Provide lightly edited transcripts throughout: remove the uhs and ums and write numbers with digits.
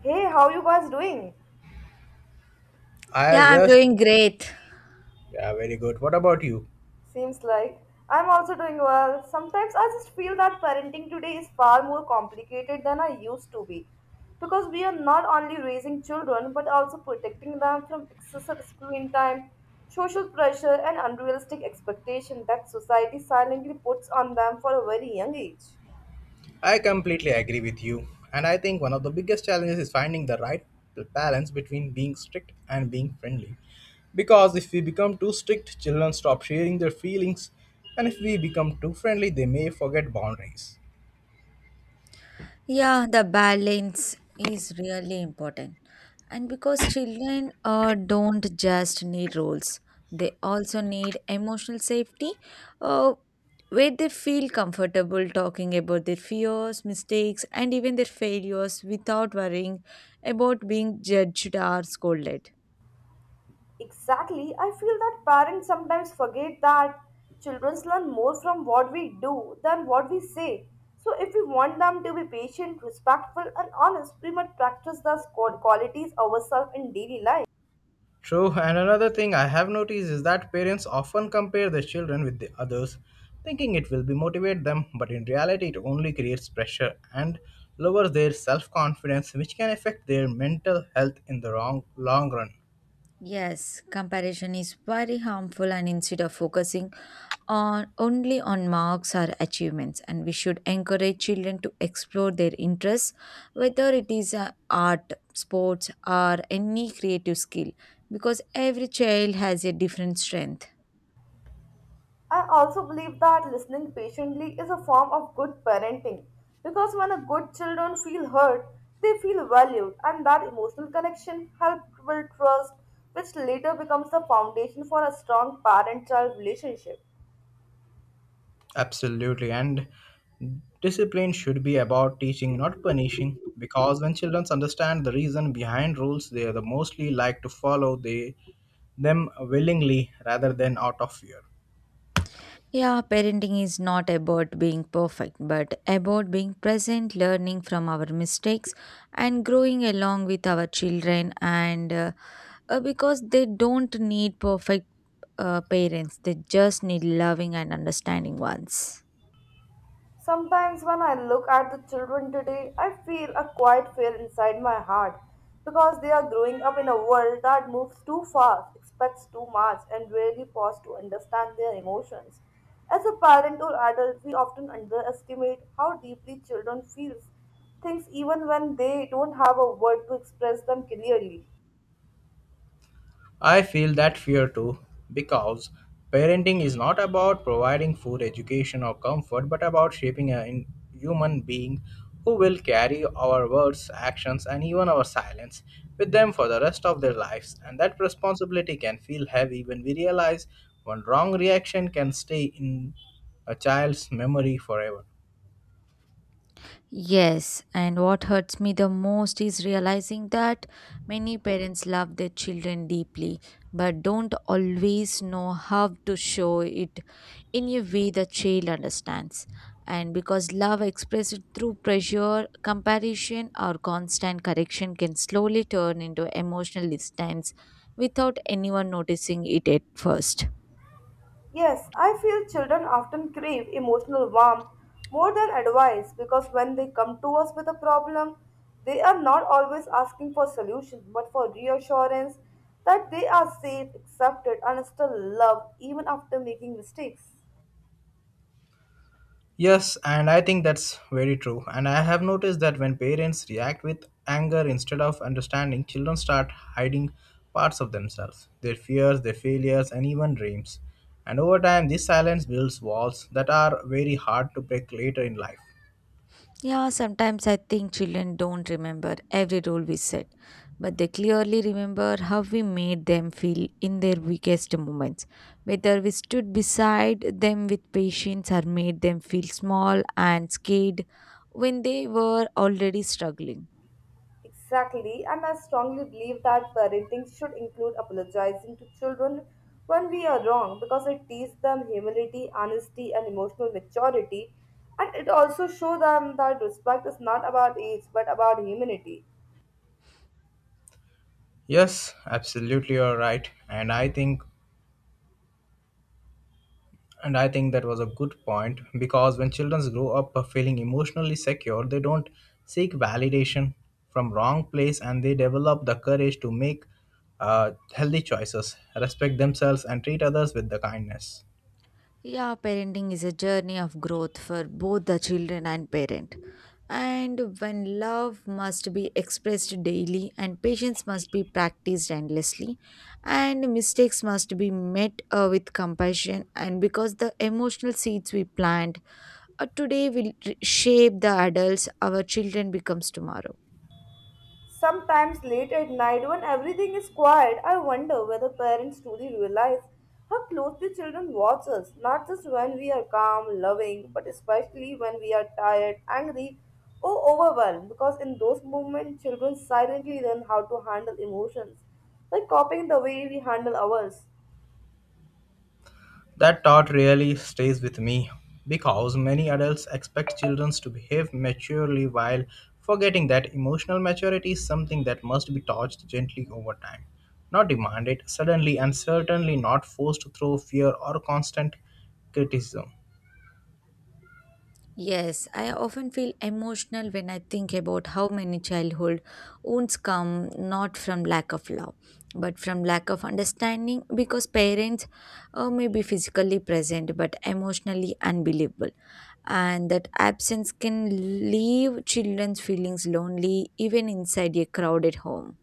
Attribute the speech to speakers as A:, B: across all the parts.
A: Hey, how you guys doing?
B: I
C: Yeah, I'm
B: yes,
C: doing great.
B: yeah, very good. What about you?
A: Seems like I'm also doing well. Sometimes I just feel that parenting today is far more complicated than I used to be because we are not only raising children but also protecting them from excessive screen time, social pressure and unrealistic expectation that society silently puts on them for a very young age.
B: I completely agree with you, and I think one of the biggest challenges is finding the right balance between being strict and being friendly. Because if we become too strict, children stop sharing their feelings, and if we become too friendly, they may forget boundaries.
C: Yeah, the balance is really important. And because children don't just need roles, they also need emotional safety uh, where they feel comfortable talking about their fears, mistakes, and even their failures without worrying about being judged or scolded.
A: Exactly. I feel that parents sometimes forget that children learn more from what we do than what we say. So, if we want them to be patient, respectful, and honest, we must practice those qualities ourselves in daily life.
B: True, and another thing I have noticed is that parents often compare their children with the others, thinking it will be motivate them, but in reality it only creates pressure and lowers their self-confidence, which can affect their mental health in the wrong long run.
C: Yes, comparison is very harmful and instead of focusing on only on marks or achievements and we should encourage children to explore their interests whether it is art, sports or any creative skill because every child has a different strength.
A: I also believe that listening patiently is a form of good parenting because when a good children feel heard, they feel valued, and that emotional connection helps build trust, which later becomes the foundation for a strong parent-child relationship.
B: Absolutely, and discipline should be about teaching, not punishing, because when children understand the reason behind rules, they are the mostly like to follow them willingly rather than out of fear.
C: Yeah, parenting is not about being perfect but about being present, learning from our mistakes and growing along with our children and because they don't need perfect parents, they just need loving and understanding ones.
A: Sometimes when I look at the children today, I feel a quiet fear inside my heart because they are growing up in a world that moves too fast, expects too much, and rarely pause to understand their emotions. As a parent or adult, we often underestimate how deeply children feel things even when they don't have a word to express them clearly.
B: I feel that fear too, because parenting is not about providing food, education, or comfort, but about shaping human being who will carry our words, actions, and even our silence with them for the rest of their lives. And that responsibility can feel heavy when we realize one wrong reaction can stay in a child's memory forever.
C: Yes, and what hurts me the most is realizing that many parents love their children deeply but don't always know how to show it in a way the child understands. And because love expressed through pressure, comparison, or constant correction can slowly turn into emotional distance without anyone noticing it at first.
A: Yes, I feel children often crave emotional warmth more than advice because when they come to us with a problem, they are not always asking for solutions, but for reassurance that they are safe, accepted, and still loved even after making mistakes.
B: Yes, and I think that's very true. And I have noticed that when parents react with anger instead of understanding, children start hiding parts of themselves, their fears, their failures, and even dreams. And over time, this silence builds walls that are very hard to break later in life.
C: Yeah, sometimes I think children don't remember every rule we set, but they clearly remember how we made them feel in their weakest moments, whether we stood beside them with patience or made them feel small and scared when they were already struggling.
A: Exactly, and I strongly believe that parenting should include apologizing to children when we are wrong because it teaches them humility, honesty, and emotional maturity. And it also shows them that respect is not about age but about humanity.
B: Yes, absolutely, you're right. And I think that was a good point because when children grow up feeling emotionally secure, they don't seek validation from wrong place and they develop the courage to make healthy choices, respect themselves, and treat others with the kindness.
C: Yeah, parenting is a journey of growth for both the children and parent. And when love must be expressed daily, and patience must be practiced endlessly, and mistakes must be met with compassion, and because the emotional seeds we plant today will shape the adults our children becomes tomorrow.
A: Sometimes late at night, when everything is quiet, I wonder whether parents truly realize how closely children watch us, not just when we are calm, loving, but especially when we are tired, angry, or overwhelmed. Because in those moments, children silently learn how to handle emotions by copying the way we handle ours.
B: That thought really stays with me because many adults expect children to behave maturely while forgetting that emotional maturity is something that must be taught gently over time, not demanded suddenly and certainly not forced through fear or constant criticism.
C: Yes, I often feel emotional when I think about how many childhood wounds come not from lack of love, but from lack of understanding because parents may be physically present but emotionally unbelievable. And that absence can leave children's feelings lonely even inside a crowded home.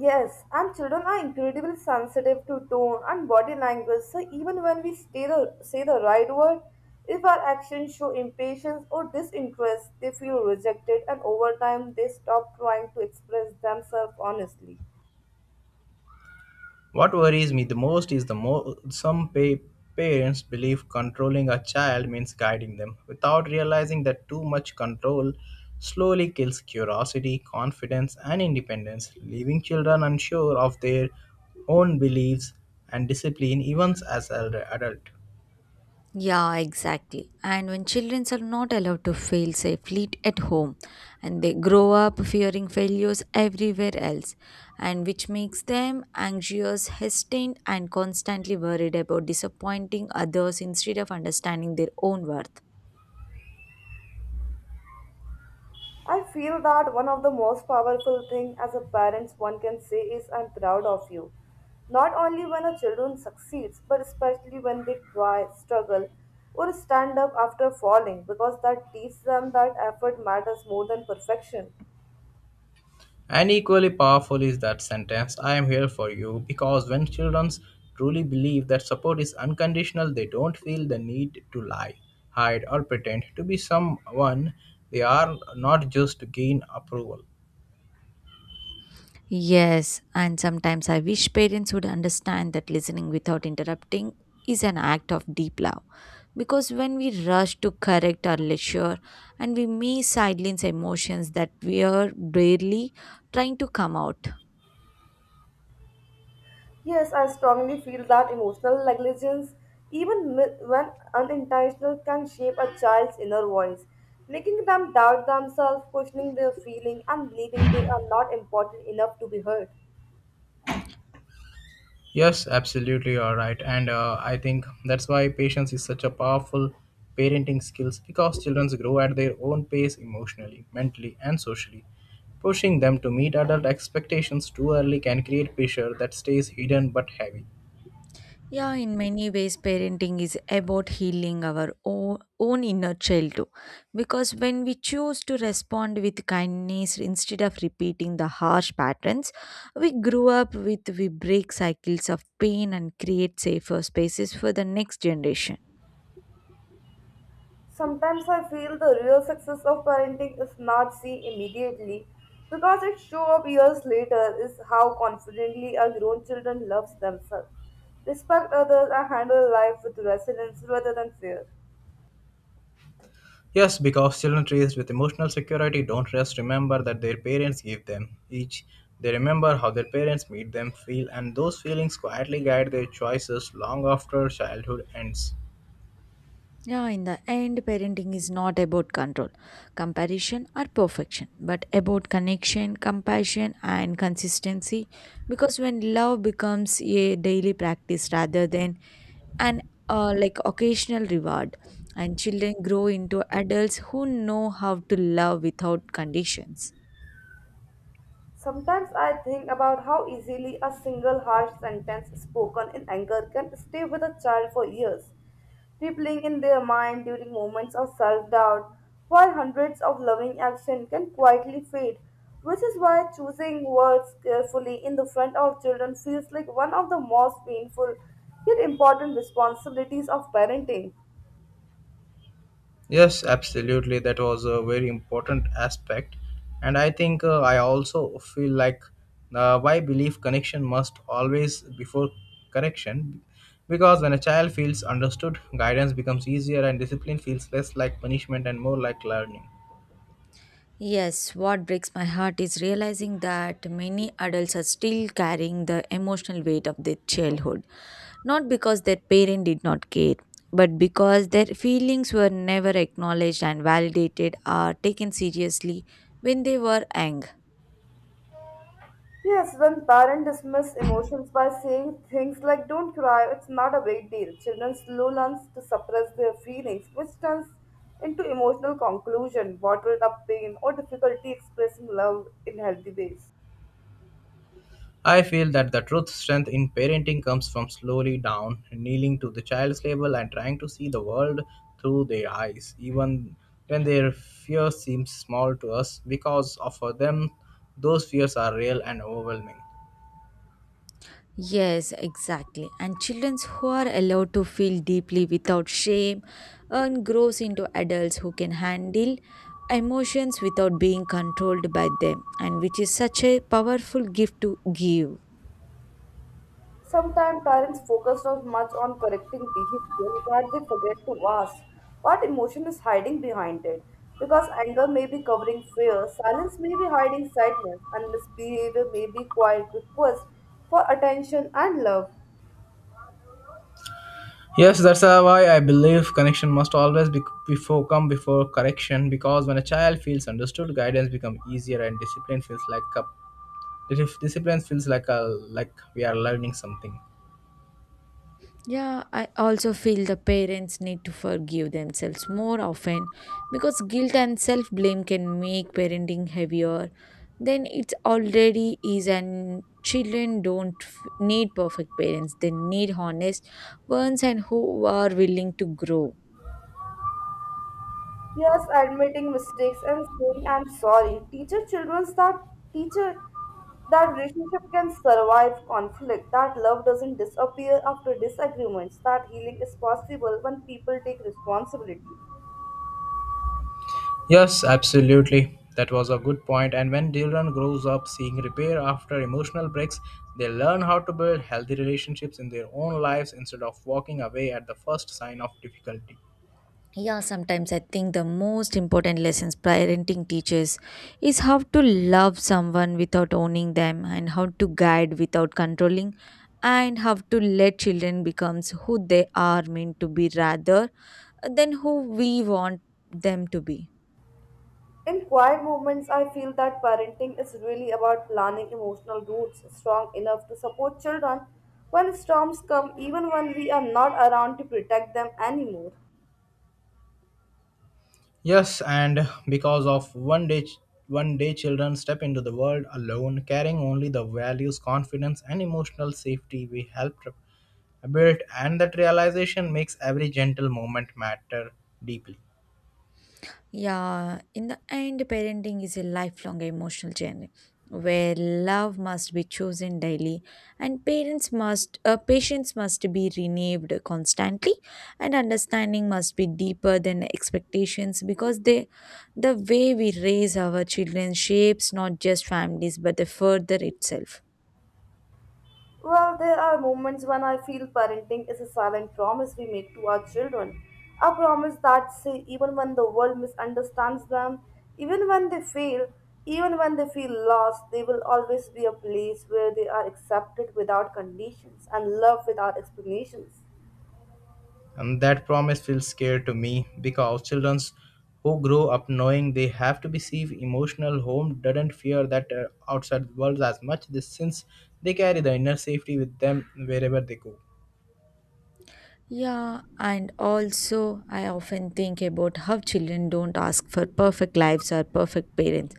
A: Yes, and children are incredibly sensitive to tone and body language, so even when we say the right word, if our actions show impatience or disinterest, they feel rejected and over time they stop trying to express themselves honestly.
B: What worries me the most is the parents believe controlling a child means guiding them without realizing that too much control slowly kills curiosity, confidence, and independence, leaving children unsure of their own beliefs and discipline even as elder adult.
C: Yeah, exactly. And when children are not allowed to fail safely at home, and they grow up fearing failures everywhere else, and which makes them anxious, hesitant, and constantly worried about disappointing others instead of understanding their own worth.
A: I feel that one of the most powerful thing as a parents one can say is I'm proud of you. Not only when a children succeeds, but especially when they try, struggle, or stand up after falling, because that teaches them that effort matters more than perfection.
B: And equally powerful is that sentence I am here for you because when children truly believe that support is unconditional, they don't feel the need to lie, hide, or pretend to be someone they are not just to gain approval.
C: Yes, and sometimes I wish parents would understand that listening without interrupting is an act of deep love. Because when we rush to correct or lecture, and we may silence emotions that we are barely trying to come out.
A: Yes, I strongly feel that emotional negligence, when unintentional, can shape a child's inner voice, making them doubt themselves, questioning their feeling, and believing they are not important enough to be heard.
B: Yes, absolutely, you are right. And I think that's why patience is such a powerful parenting skills because children grow at their own pace emotionally, mentally, and socially. Pushing them to meet adult expectations too early can create pressure that stays hidden but heavy.
C: Yeah, in many ways, parenting is about healing our own inner child too. Because when we choose to respond with kindness instead of repeating the harsh patterns, we grew up with, we break cycles of pain and create safer spaces for the next generation.
A: Sometimes I feel the real success of parenting is not seen immediately because it shows up years later is how confidently our grown children loves themselves, respect others and handle life with resilience rather than fear.
B: Yes, because children raised with emotional security don't just remember that their parents give them each. They remember how their parents made them feel, and those feelings quietly guide their choices long after childhood ends.
C: Yeah, in the end, parenting is not about control, comparison, or perfection, but about connection, compassion, and consistency. Because when love becomes a daily practice rather than an like occasional reward, and children grow into adults who know how to love without conditions.
A: Sometimes I think about how easily a single harsh sentence spoken in anger can stay with a child for years, rippling in their mind during moments of self doubt, while hundreds of loving actions can quietly fade, which is why choosing words carefully in the front of children feels like one of the most painful yet important responsibilities of parenting.
B: Yes, absolutely. That was a very important aspect. And I think I also feel like why belief connection must always before correction. Because when a child feels understood, guidance becomes easier and discipline feels less like punishment and more like learning.
C: Yes, what breaks my heart is realizing that many adults are still carrying the emotional weight of their childhood, not because their parent did not care, but because their feelings were never acknowledged and validated or taken seriously when they were young.
A: Yes, when parents dismiss emotions by saying things like don't cry, it's not a big deal. Children slowly learn to suppress their feelings, which turns into emotional conclusion, bottled up pain, or difficulty expressing love in healthy ways.
B: I feel that the truth strength in parenting comes from slowly down, kneeling to the child's level and trying to see the world through their eyes, even when their fear seems small to us, because of- for them, those fears are real and overwhelming.
C: Yes, exactly. And children who are allowed to feel deeply without shame and grows into adults who can handle emotions without being controlled by them and which is such a powerful gift to give.
A: Sometimes parents focus so much on correcting behavior that they forget to ask what emotion is hiding behind it. Because anger may be covering fear, silence may be hiding sadness, and misbehavior may be quiet request for attention and love.
B: Yes, that's why I believe connection must always be before come before correction because when a child feels understood, guidance becomes easier and discipline feels like a like we are learning something.
C: Yeah, I also feel the parents need to forgive themselves more often because guilt and self blame can make parenting heavier than it already is. And children don't need perfect parents, they need honest ones and who are willing to grow.
A: Yes, admitting mistakes and saying I'm sorry. Teacher that relationship can survive conflict. That love doesn't disappear after disagreements. That healing is possible when people take responsibility.
B: Yes, absolutely. That was a good point. And when Dylan grows up seeing repair after emotional breaks, they learn how to build healthy relationships in their own lives instead of walking away at the first sign of difficulty.
C: Yeah, sometimes I think the most important lessons parenting teaches is how to love someone without owning them and how to guide without controlling and how to let children becomes who they are meant to be rather than who we want them to be.
A: In quiet moments, I feel that parenting is really about planning emotional roots strong enough to support children when storms come, even when we are not around to protect them anymore.
B: Yes, and because of one day children step into the world alone, carrying only the values, confidence, and emotional safety we helped build, and that realization makes every gentle moment matter deeply.
C: Yeah, in the end, parenting is a lifelong emotional journey where love must be chosen daily and parents must patience must be renewed constantly and understanding must be deeper than expectations because they the way we raise our children shapes not just families but the further itself.
A: Well, there are moments when I feel parenting is a silent promise we make to our children. A promise that say even when the world misunderstands them, even when they fail, even when they feel lost, they will always be a place where they are accepted without conditions and loved without explanations.
B: And that promise feels scary to me because children who grow up knowing they have to be safe, emotional home doesn't fear that outside world as much this since they carry the inner safety with them wherever they go.
C: Yeah, and also I often think about how children don't ask for perfect lives or perfect parents,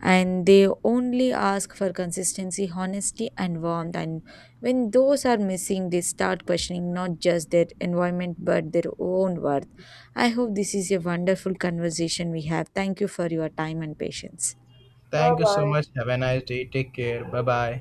C: and they only ask for consistency, honesty, and warmth. And when those are missing, they start questioning not just their environment but their own worth. I hope this is a wonderful conversation we have. Thank you for your time and patience.
A: Bye
B: Thank you so
A: bye.
B: much. Have a nice day. Take care. Bye bye.